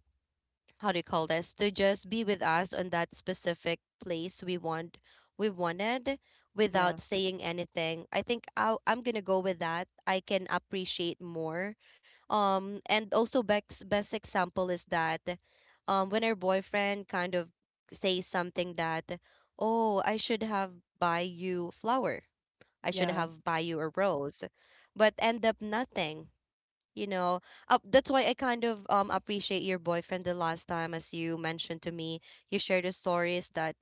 S2: how do you call this, to just be with us on that specific place we want, we wanted, without
S1: Yeah.
S2: saying anything. I think i i'm gonna go with that. I can appreciate more. Um, and also best best example is that um, when her boyfriend kind of says something that, oh, I should have buy you flower, I should
S1: Yeah.
S2: have buy you a rose, but end up nothing, you know. Uh, that's why I kind of um appreciate your boyfriend the last time. As you mentioned to me, you shared the stories that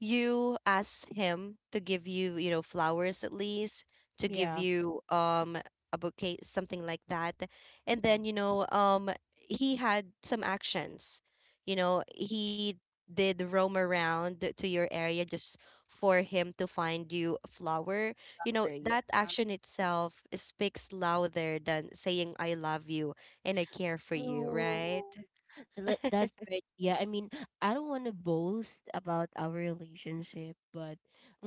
S2: you asked him to give you, you know, flowers, at least to give
S1: Yeah.
S2: you um a bouquet, something like that. And then you know um, he had some actions. You know, he did roam around to your area just for him to find you a flower. You know,
S1: Mm-hmm.
S2: that action itself speaks louder than saying I love you and I care for you, right?
S1: Oh, tha- that's right. Yeah, I mean, I don't want to boast about our relationship, but,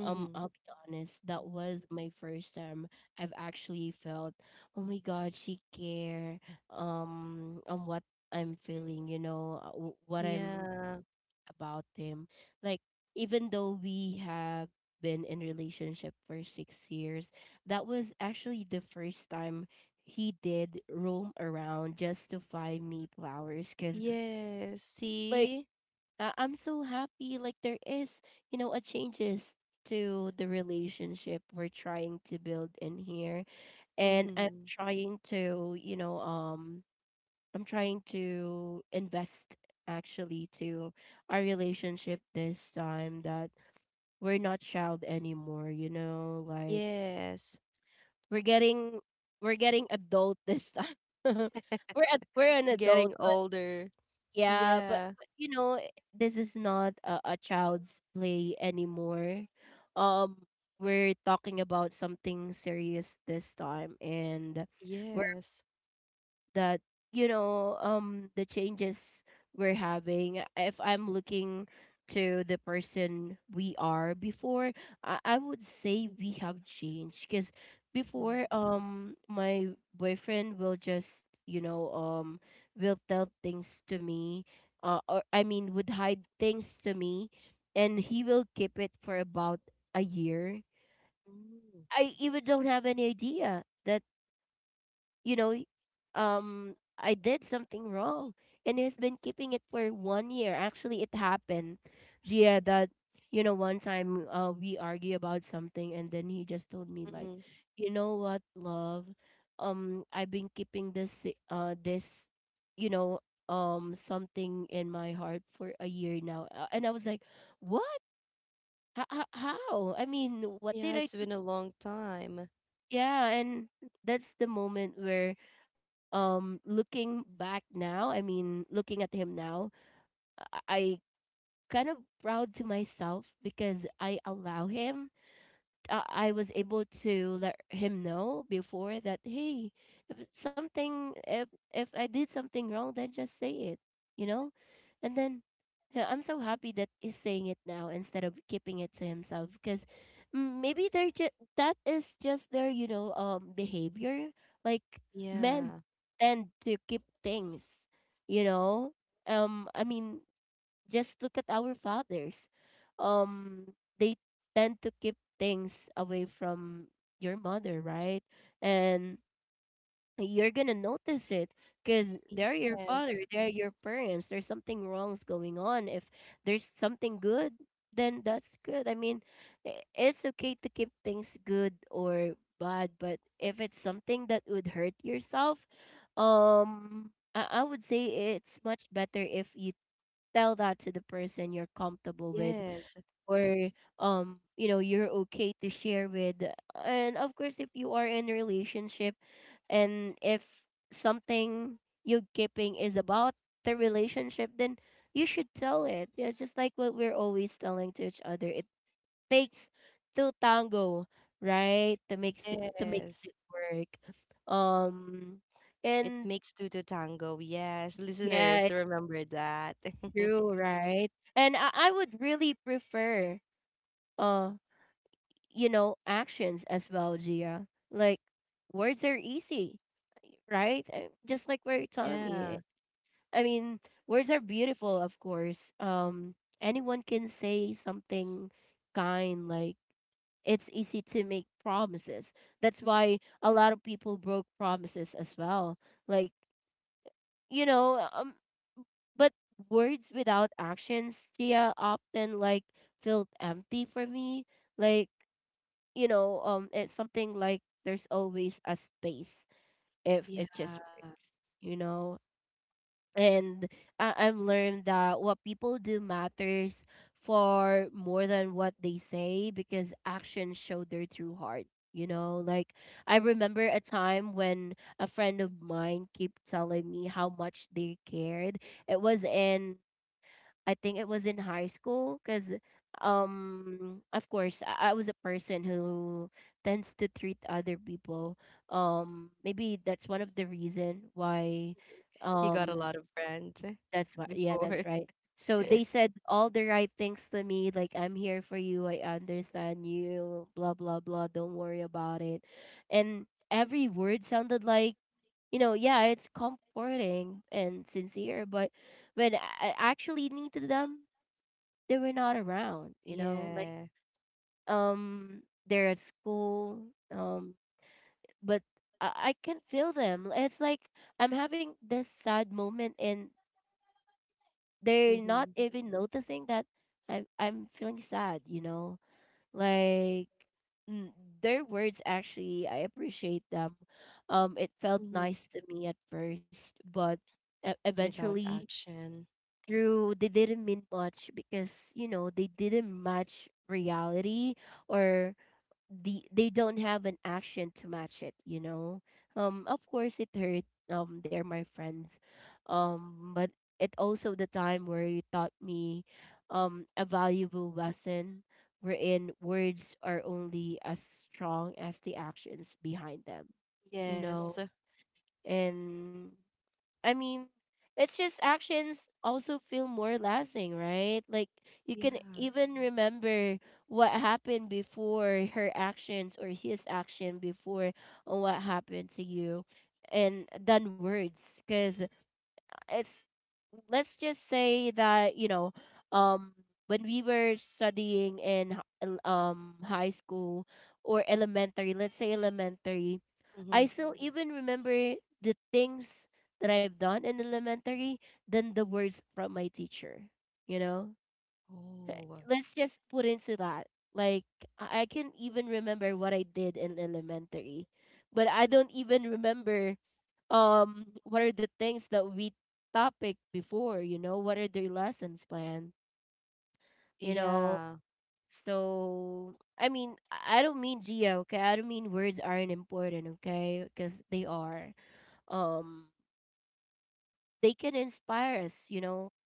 S1: um, I'll
S2: Mm-hmm.
S1: be honest, that was my first time I've actually felt, oh my God, she care um on what I'm feeling, you know, uh, wh- what I'm
S2: Yeah.
S1: about him. Like, even though we have been in relationship for 6 years, that was actually the first time he did roam around just to find me flowers, cuz
S2: Yes.
S1: like,
S2: See?
S1: I- I'm so happy, like there is, you know, a changes to the relationship we're trying to build in here, and I'm trying to, you know, um I'm trying to invest actually to our relationship this time that we're not child anymore, you know, like
S2: Yes.
S1: we're getting we're getting adult this time. we're ad- we're an adult,
S2: Getting
S1: but
S2: older.
S1: yeah, but,
S2: Yeah.
S1: but you know, i- this is not a, a child's play anymore. Um we're talking about something serious this time, and
S2: Yes.
S1: that, you know, um the changes we're having, uh, if I'm looking to the person we are before, i, I would say we have changed. Because before, um my boyfriend will just, you know, um will tell things to me, uh, or I mean, would hide things to me, and he will keep it for about a year. I even don't have any idea that, you know, um, I did something wrong. And he's been keeping it for one year. Actually, it happened, Gia, that, you know, one time, uh, we argue about something, and then he just told me, like, you know what, love? Um, I've been keeping this, se- uh, this, you know, um, something in my heart for a year now. Uh, And I was like, what? How? how? I mean, what did
S2: Yeah,
S1: I—
S2: it's been a long time.
S1: yeah. And that's the moment where, um looking back now, I mean looking at him now, I, I kind of proud to myself because I allow him— uh, I was able to let him know before that, hey, if it's something, if if I did something wrong, then just say it, you know? And then uh, I'm so happy that he's saying it now instead of keeping it to himself because, mm, maybe they're just— that is just their, you know, um behavior. Like men
S2: Yeah.
S1: tend to keep things, you know? Um I mean, just look at our fathers. Um, they tend to keep things away from your mother, right? And you're gonna notice it because they're your father,
S2: Yes.
S1: they're your parents. There's something wrong's going on. If there's something good, then that's good. I mean, i- it's okay to keep things good or bad, but if it's something that would hurt yourself, um, I, I would say it's much better if you tell that to the person you're comfortable with,
S2: Yes.
S1: or, um you know, you're okay to share with. And of course, if you are in a relationship and if something you're keeping is about the relationship, then you should tell it. Yeah, just like what we're always telling to each other, it takes two tango, right? To make it to make
S2: Yes.
S1: it work. Um
S2: It
S1: and
S2: makes two to tango. Yes.
S1: Yeah,
S2: Listeners,
S1: it's
S2: remember that.
S1: true, right? And I, I would really prefer, uh you know, actions as well, Gia. Like, words are easy, right? Uh, just like what you're telling
S2: Yeah.
S1: me. I mean, words are beautiful, of course. Um anyone can say something kind. Like, it's easy to make promises. That's why a lot of people broke promises as well. Like, you know uh, um but words without actions, Gia, often, like, felt empty for me. Like, you know, um, it's something like there's always a space if
S2: Yeah.
S1: it's just words, you know. And I- I've learned that what people do matters for more than what they say, because actions show their true heart. You know, like, I remember a time when a friend of mine kept telling me how much they cared. It was in— I think it was in high school because, um, of course, I, I was a person who tends to treat other people. Um, maybe that's one of the reason why.
S2: You got a
S1: Um,
S2: lot of rant
S1: that's why. Yeah, that's
S2: before.
S1: right. So they said all the right things to me, like, I'm here for you, I understand you, blah blah blah, don't worry about it. And every word sounded like, you know, yeah, it's comforting and sincere, but when I I actually needed them, they were not around, you know. Like,
S2: Yeah.
S1: um they're at school, um, but I, I can feel them. It's like I'm having this sad moment and they're not
S2: Mm-hmm.
S1: even noticing that I'm I'm feeling sad, you know? Like, mm, their words— actually, I appreciate them. Um it felt
S2: Mm-hmm.
S1: nice to me at first, but, e-
S2: Without
S1: eventually
S2: action.
S1: through, they didn't mean much because, you know, they didn't match reality, or the— they don't have an action to match it, you know? Um of course it hurt. Um they're my friends, um but it also the time where you taught me um a valuable lesson, wherein words are only as strong as the actions behind them, you know?
S2: Yes.
S1: And I mean, it's just— actions also feel more lasting, right? Like, you can
S2: Yeah.
S1: even remember what happened before her actions or his action before, on what happened to you, and than words, because it's— let's just say that, you know um when we were studying in h- el- um high school, or elementary, let's say elementary, I
S2: Mm-hmm.
S1: still even remember the things that I've done in elementary than the words from my teacher, you know. Eh,
S2: Oh.
S1: let's just put into that, like, i I can even remember what I did in elementary, but I don't even remember um what are the things that we topic before, you know, what are their lessons planned, you know.
S2: Yeah.
S1: So I mean, i I don't mean, Gia, okay, I don't mean words aren't important, okay, because they are. um they can inspire us, you know,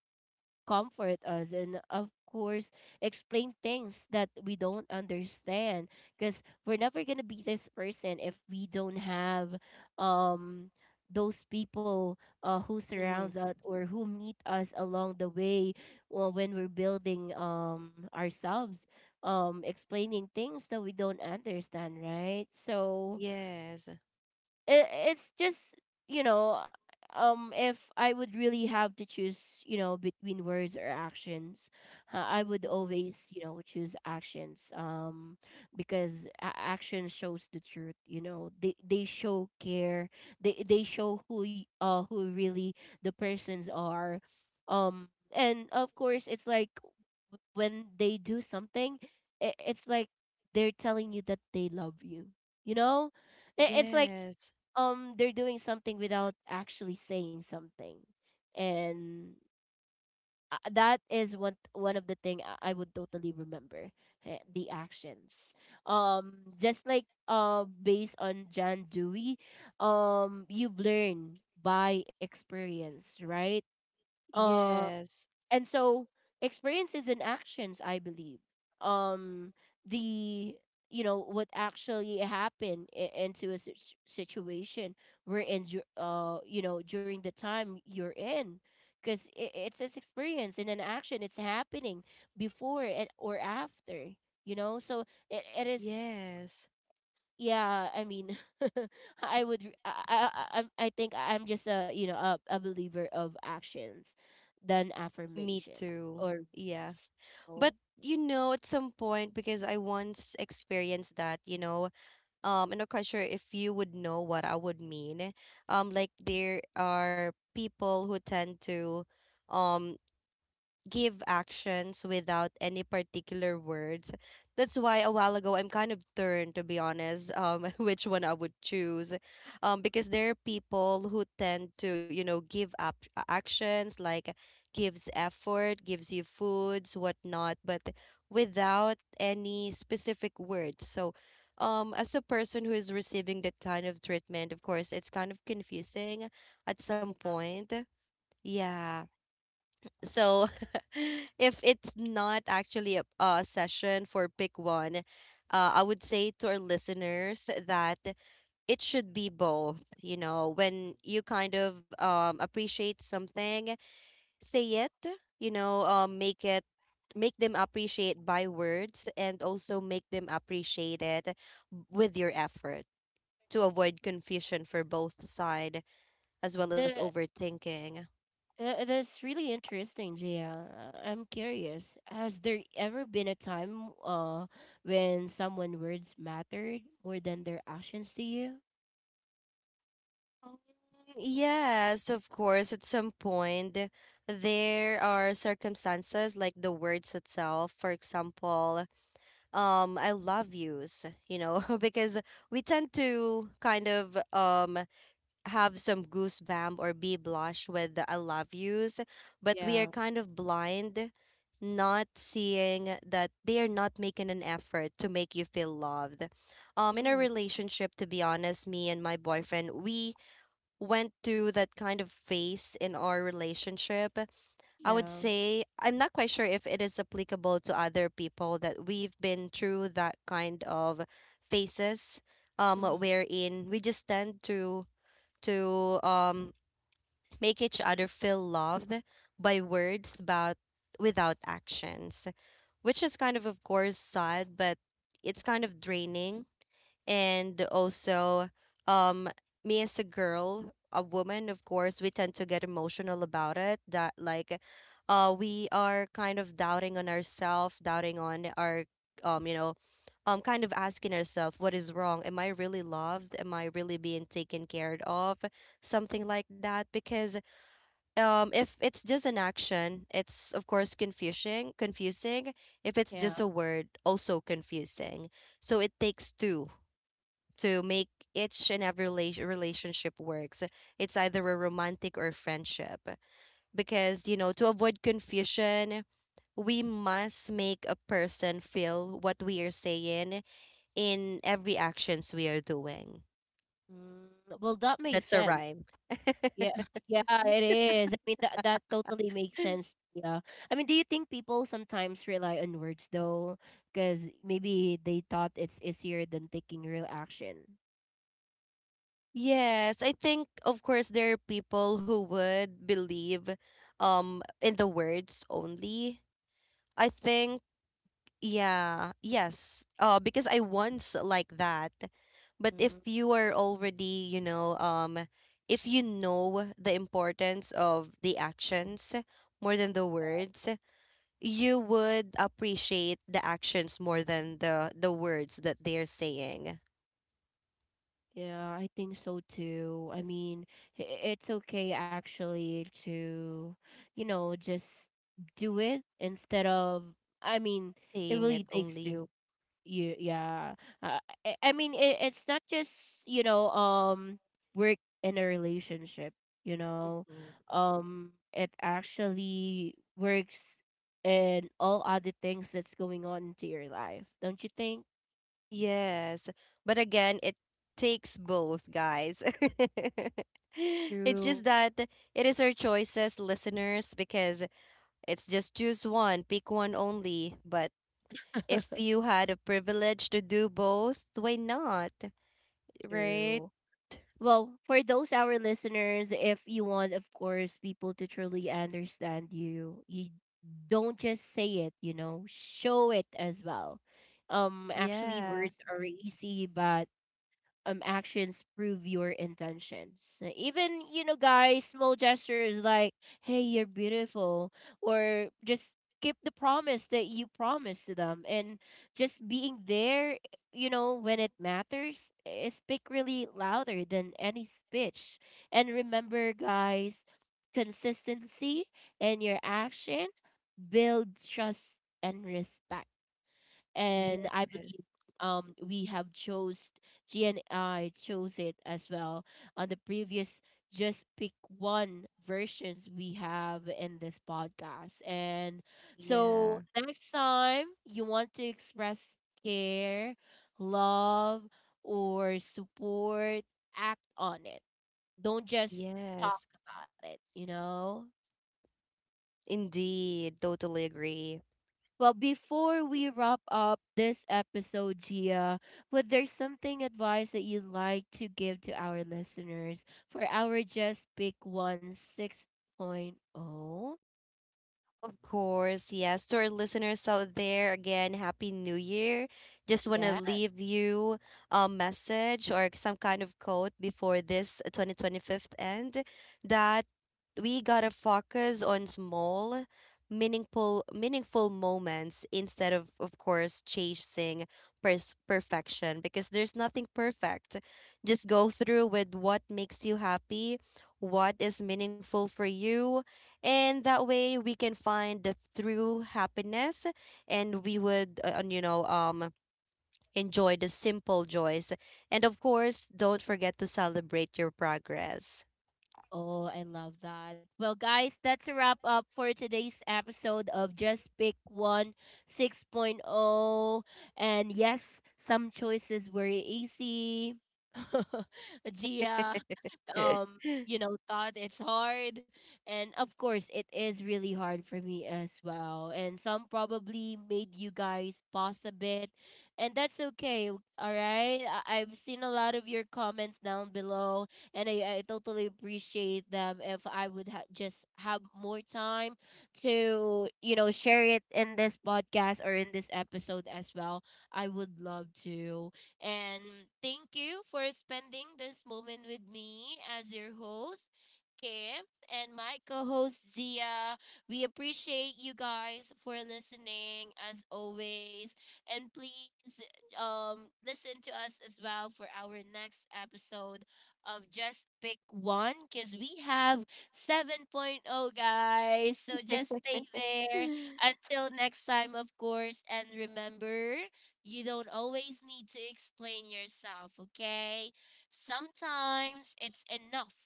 S1: comfort us, and of course explain things that we don't understand, because we're never going to be this person if we don't have um those people, uh, who
S2: Mm-hmm.
S1: surrounds us or who meet us along the way, or when we're building um ourselves, um explaining things that we don't understand, right? So
S2: Yes.
S1: it, it's just, you know, um if I would really have to choose, you know, between words or actions, uh, I would always, you know, choose actions. Um because, a- action shows the truth, you know. They they show care, they they show who y- uh who really the persons are. um and of course it's like, w- when they do something, it, it's like they're telling you that they love you, you know? I- it's like,
S2: Yes.
S1: um they're doing something without actually saying something. And, uh, that is one one of the thing i I would totally remember, eh, the actions. Um just like, uh based on Jan Dewey, um you've learned by experience, right? Um,
S2: Yes.
S1: and so, experiences and actions, I believe, um the, you know, what actually happened i- into a sit- situation we're in, dur- uh you know, during the time you're in, because it's this experience and an action, it's happening before it or after, you know. So it, it is—
S2: Yes.
S1: yeah, I mean, I would re- i i i I- I think I'm just, a you know, a, a believer of actions than
S2: Me
S1: affirmation
S2: too.
S1: or
S2: Yeah.
S1: words. So
S2: But you know, at some point, because I once experienced that, you know, um, I'm not quite sure if you would know what I would mean. Um, like there are people who tend to um give actions without any particular words. That's why a while ago I'm kind of turned to be honest, um, which one I would choose, um, because there are people who tend to, you know, give up uh, actions like gives effort, gives you foods, whatnot, but without any specific words. So. Um, as a person who is receiving that kind of treatment, of course, it's kind of confusing at some
S1: yeah.
S2: point. Yeah. So if it's not actually a, a session for pick one, uh, I would say to our listeners that it should be both. You know, when you kind of um, appreciate something, say it, you know, um, make it make them appreciate by words and also make them appreciate it with your effort to avoid confusion for both side as well as
S1: The,
S2: overthinking.
S1: uh, that's really interesting, Gia. Uh, I'm curious, has there ever been a time, uh, when someone words mattered more than their actions to you?
S2: Um, Yes, of course. At some point, there are circumstances like the words itself. For example, um, I love yous, you know, because we tend to kind of um have some goosebump or be blush with the I love yous, but we are
S1: Yeah.
S2: kind of blind, not seeing that they are not making an effort to make you feel loved. Um, in a
S1: Mm.
S2: relationship, to be honest, me and my boyfriend, we went through that kind of phase in our relationship. I would
S1: Yeah.
S2: say I'm not quite sure if it is applicable to other people that we've been through that kind of phases um
S1: Hmm.
S2: wherein we just tend to to um make each other feel loved by words but without actions, which is kind of of course sad, but it's kind of draining and also um, me as a girl, a woman, of course we tend to get emotional about it, that like uh, we are kind of doubting on ourselves, doubting on our um, you know um, kind of asking ourselves what is wrong, am I really loved, am I really being taken care of, something like that. Because um if it's just an action it's of course confusing, confusing if it's
S1: Yeah.
S2: just a word also confusing. So it takes two to make each and every rela- relationship works. It's either a romantic or friendship. Because, you know, to avoid confusion, we must make a person feel what we are saying in every actions we are doing.
S1: Mm. Well, that makes
S2: That's a
S1: sense.
S2: rhyme.
S1: Yeah, yeah, it is. I mean, that that totally makes sense. Yeah. I mean, do you think people sometimes rely on words, though? Because maybe they thought it's easier than taking real action.
S2: Yes, I think of course there are people who would believe um in the words only. I think, yeah, yes. Uh, because I once like that. But if
S1: Mm.
S2: you are already, you know, um, if you know the importance of the actions more than the words, you would appreciate the actions more than the the words that they're saying.
S1: Yeah, I think so too. I mean, i- it's okay actually to, you know, just do it instead of, I mean, it
S2: Saying
S1: really
S2: it
S1: takes
S2: only.
S1: two. You— yeah. Uh, i I mean, it, it's not just, you know, um work in a relationship, you know. Um it actually works in all other things that's going on into your life, don't you think?
S2: Yes. But again, it takes both, guys. It's
S1: Through.
S2: just that it is our choices, listeners, because it's just choose one, pick one only. But if you had a privilege to do both, why not? Right?
S1: Through. Well, for those our listeners, if you want, of course, people to truly understand you, you don't just say it, you know, show it as well. Um, actually,
S2: Yeah.
S1: words are easy, but um actions prove your intentions. Uh, Even, you know, guys, small gestures like, hey, you're beautiful, or just keep the promise that you promised to them, and just being there, you know, when it matters, eh, speak really louder than any speech. And remember, guys, consistency and your action build trust and respect. And I
S2: Yes.
S1: believe um we have chose— G and I chose it as well on the previous just pick one versions we have in this podcast. And so
S2: Yeah.
S1: next time you want to express care, love, or support, act on it. Don't just talk
S2: Yes.
S1: about it, you know.
S2: Indeed. Totally agree.
S1: Well, before we wrap up this episode, Gia, would there something advice that you'd like to give to our listeners for our Just Pick One 6.0? Point oh?
S2: Of course, yes. To our listeners out there, again, Happy New Year. Just want to
S1: Yeah.
S2: leave you a message or some kind of quote before this twenty twenty-five end, that we gotta focus on small, meaningful, meaningful moments instead of, of course, chasing pers- perfection because there's nothing perfect. Just go through with what makes you happy, what is meaningful for you, and that way we can find the true happiness and we would uh, and, you know um, enjoy the simple joys, and of course don't forget to celebrate your progress.
S1: Oh, I love that. Well, guys, that's a wrap up for today's episode of Just Pick One 6.0. Point oh. And yes, some choices were easy. Gia. Um you know, thought it's hard, and of course it is really hard for me as well, and some probably made you guys pause a bit, and that's okay. All right, I- I've seen a lot of your comments down below, and i, I totally appreciate them. If I would ha- just have more time to, you know, share it in this podcast or in this episode as well, I would love to. And thank you for spending this moment with me as your host, Kim, and my co host, Zia. We appreciate you guys for listening as always. And please, um, listen to us as well for our next episode of Just Pick One, because we have 7.0, point oh, guys. So just stay there until next time, of course. And remember, you don't always need to explain yourself, okay? Sometimes it's enough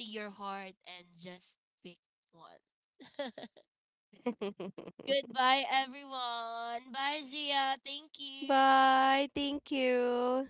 S1: to your heart, and just pick one. Goodbye, everyone. Bye, Gia. Thank you.
S2: Bye, thank you.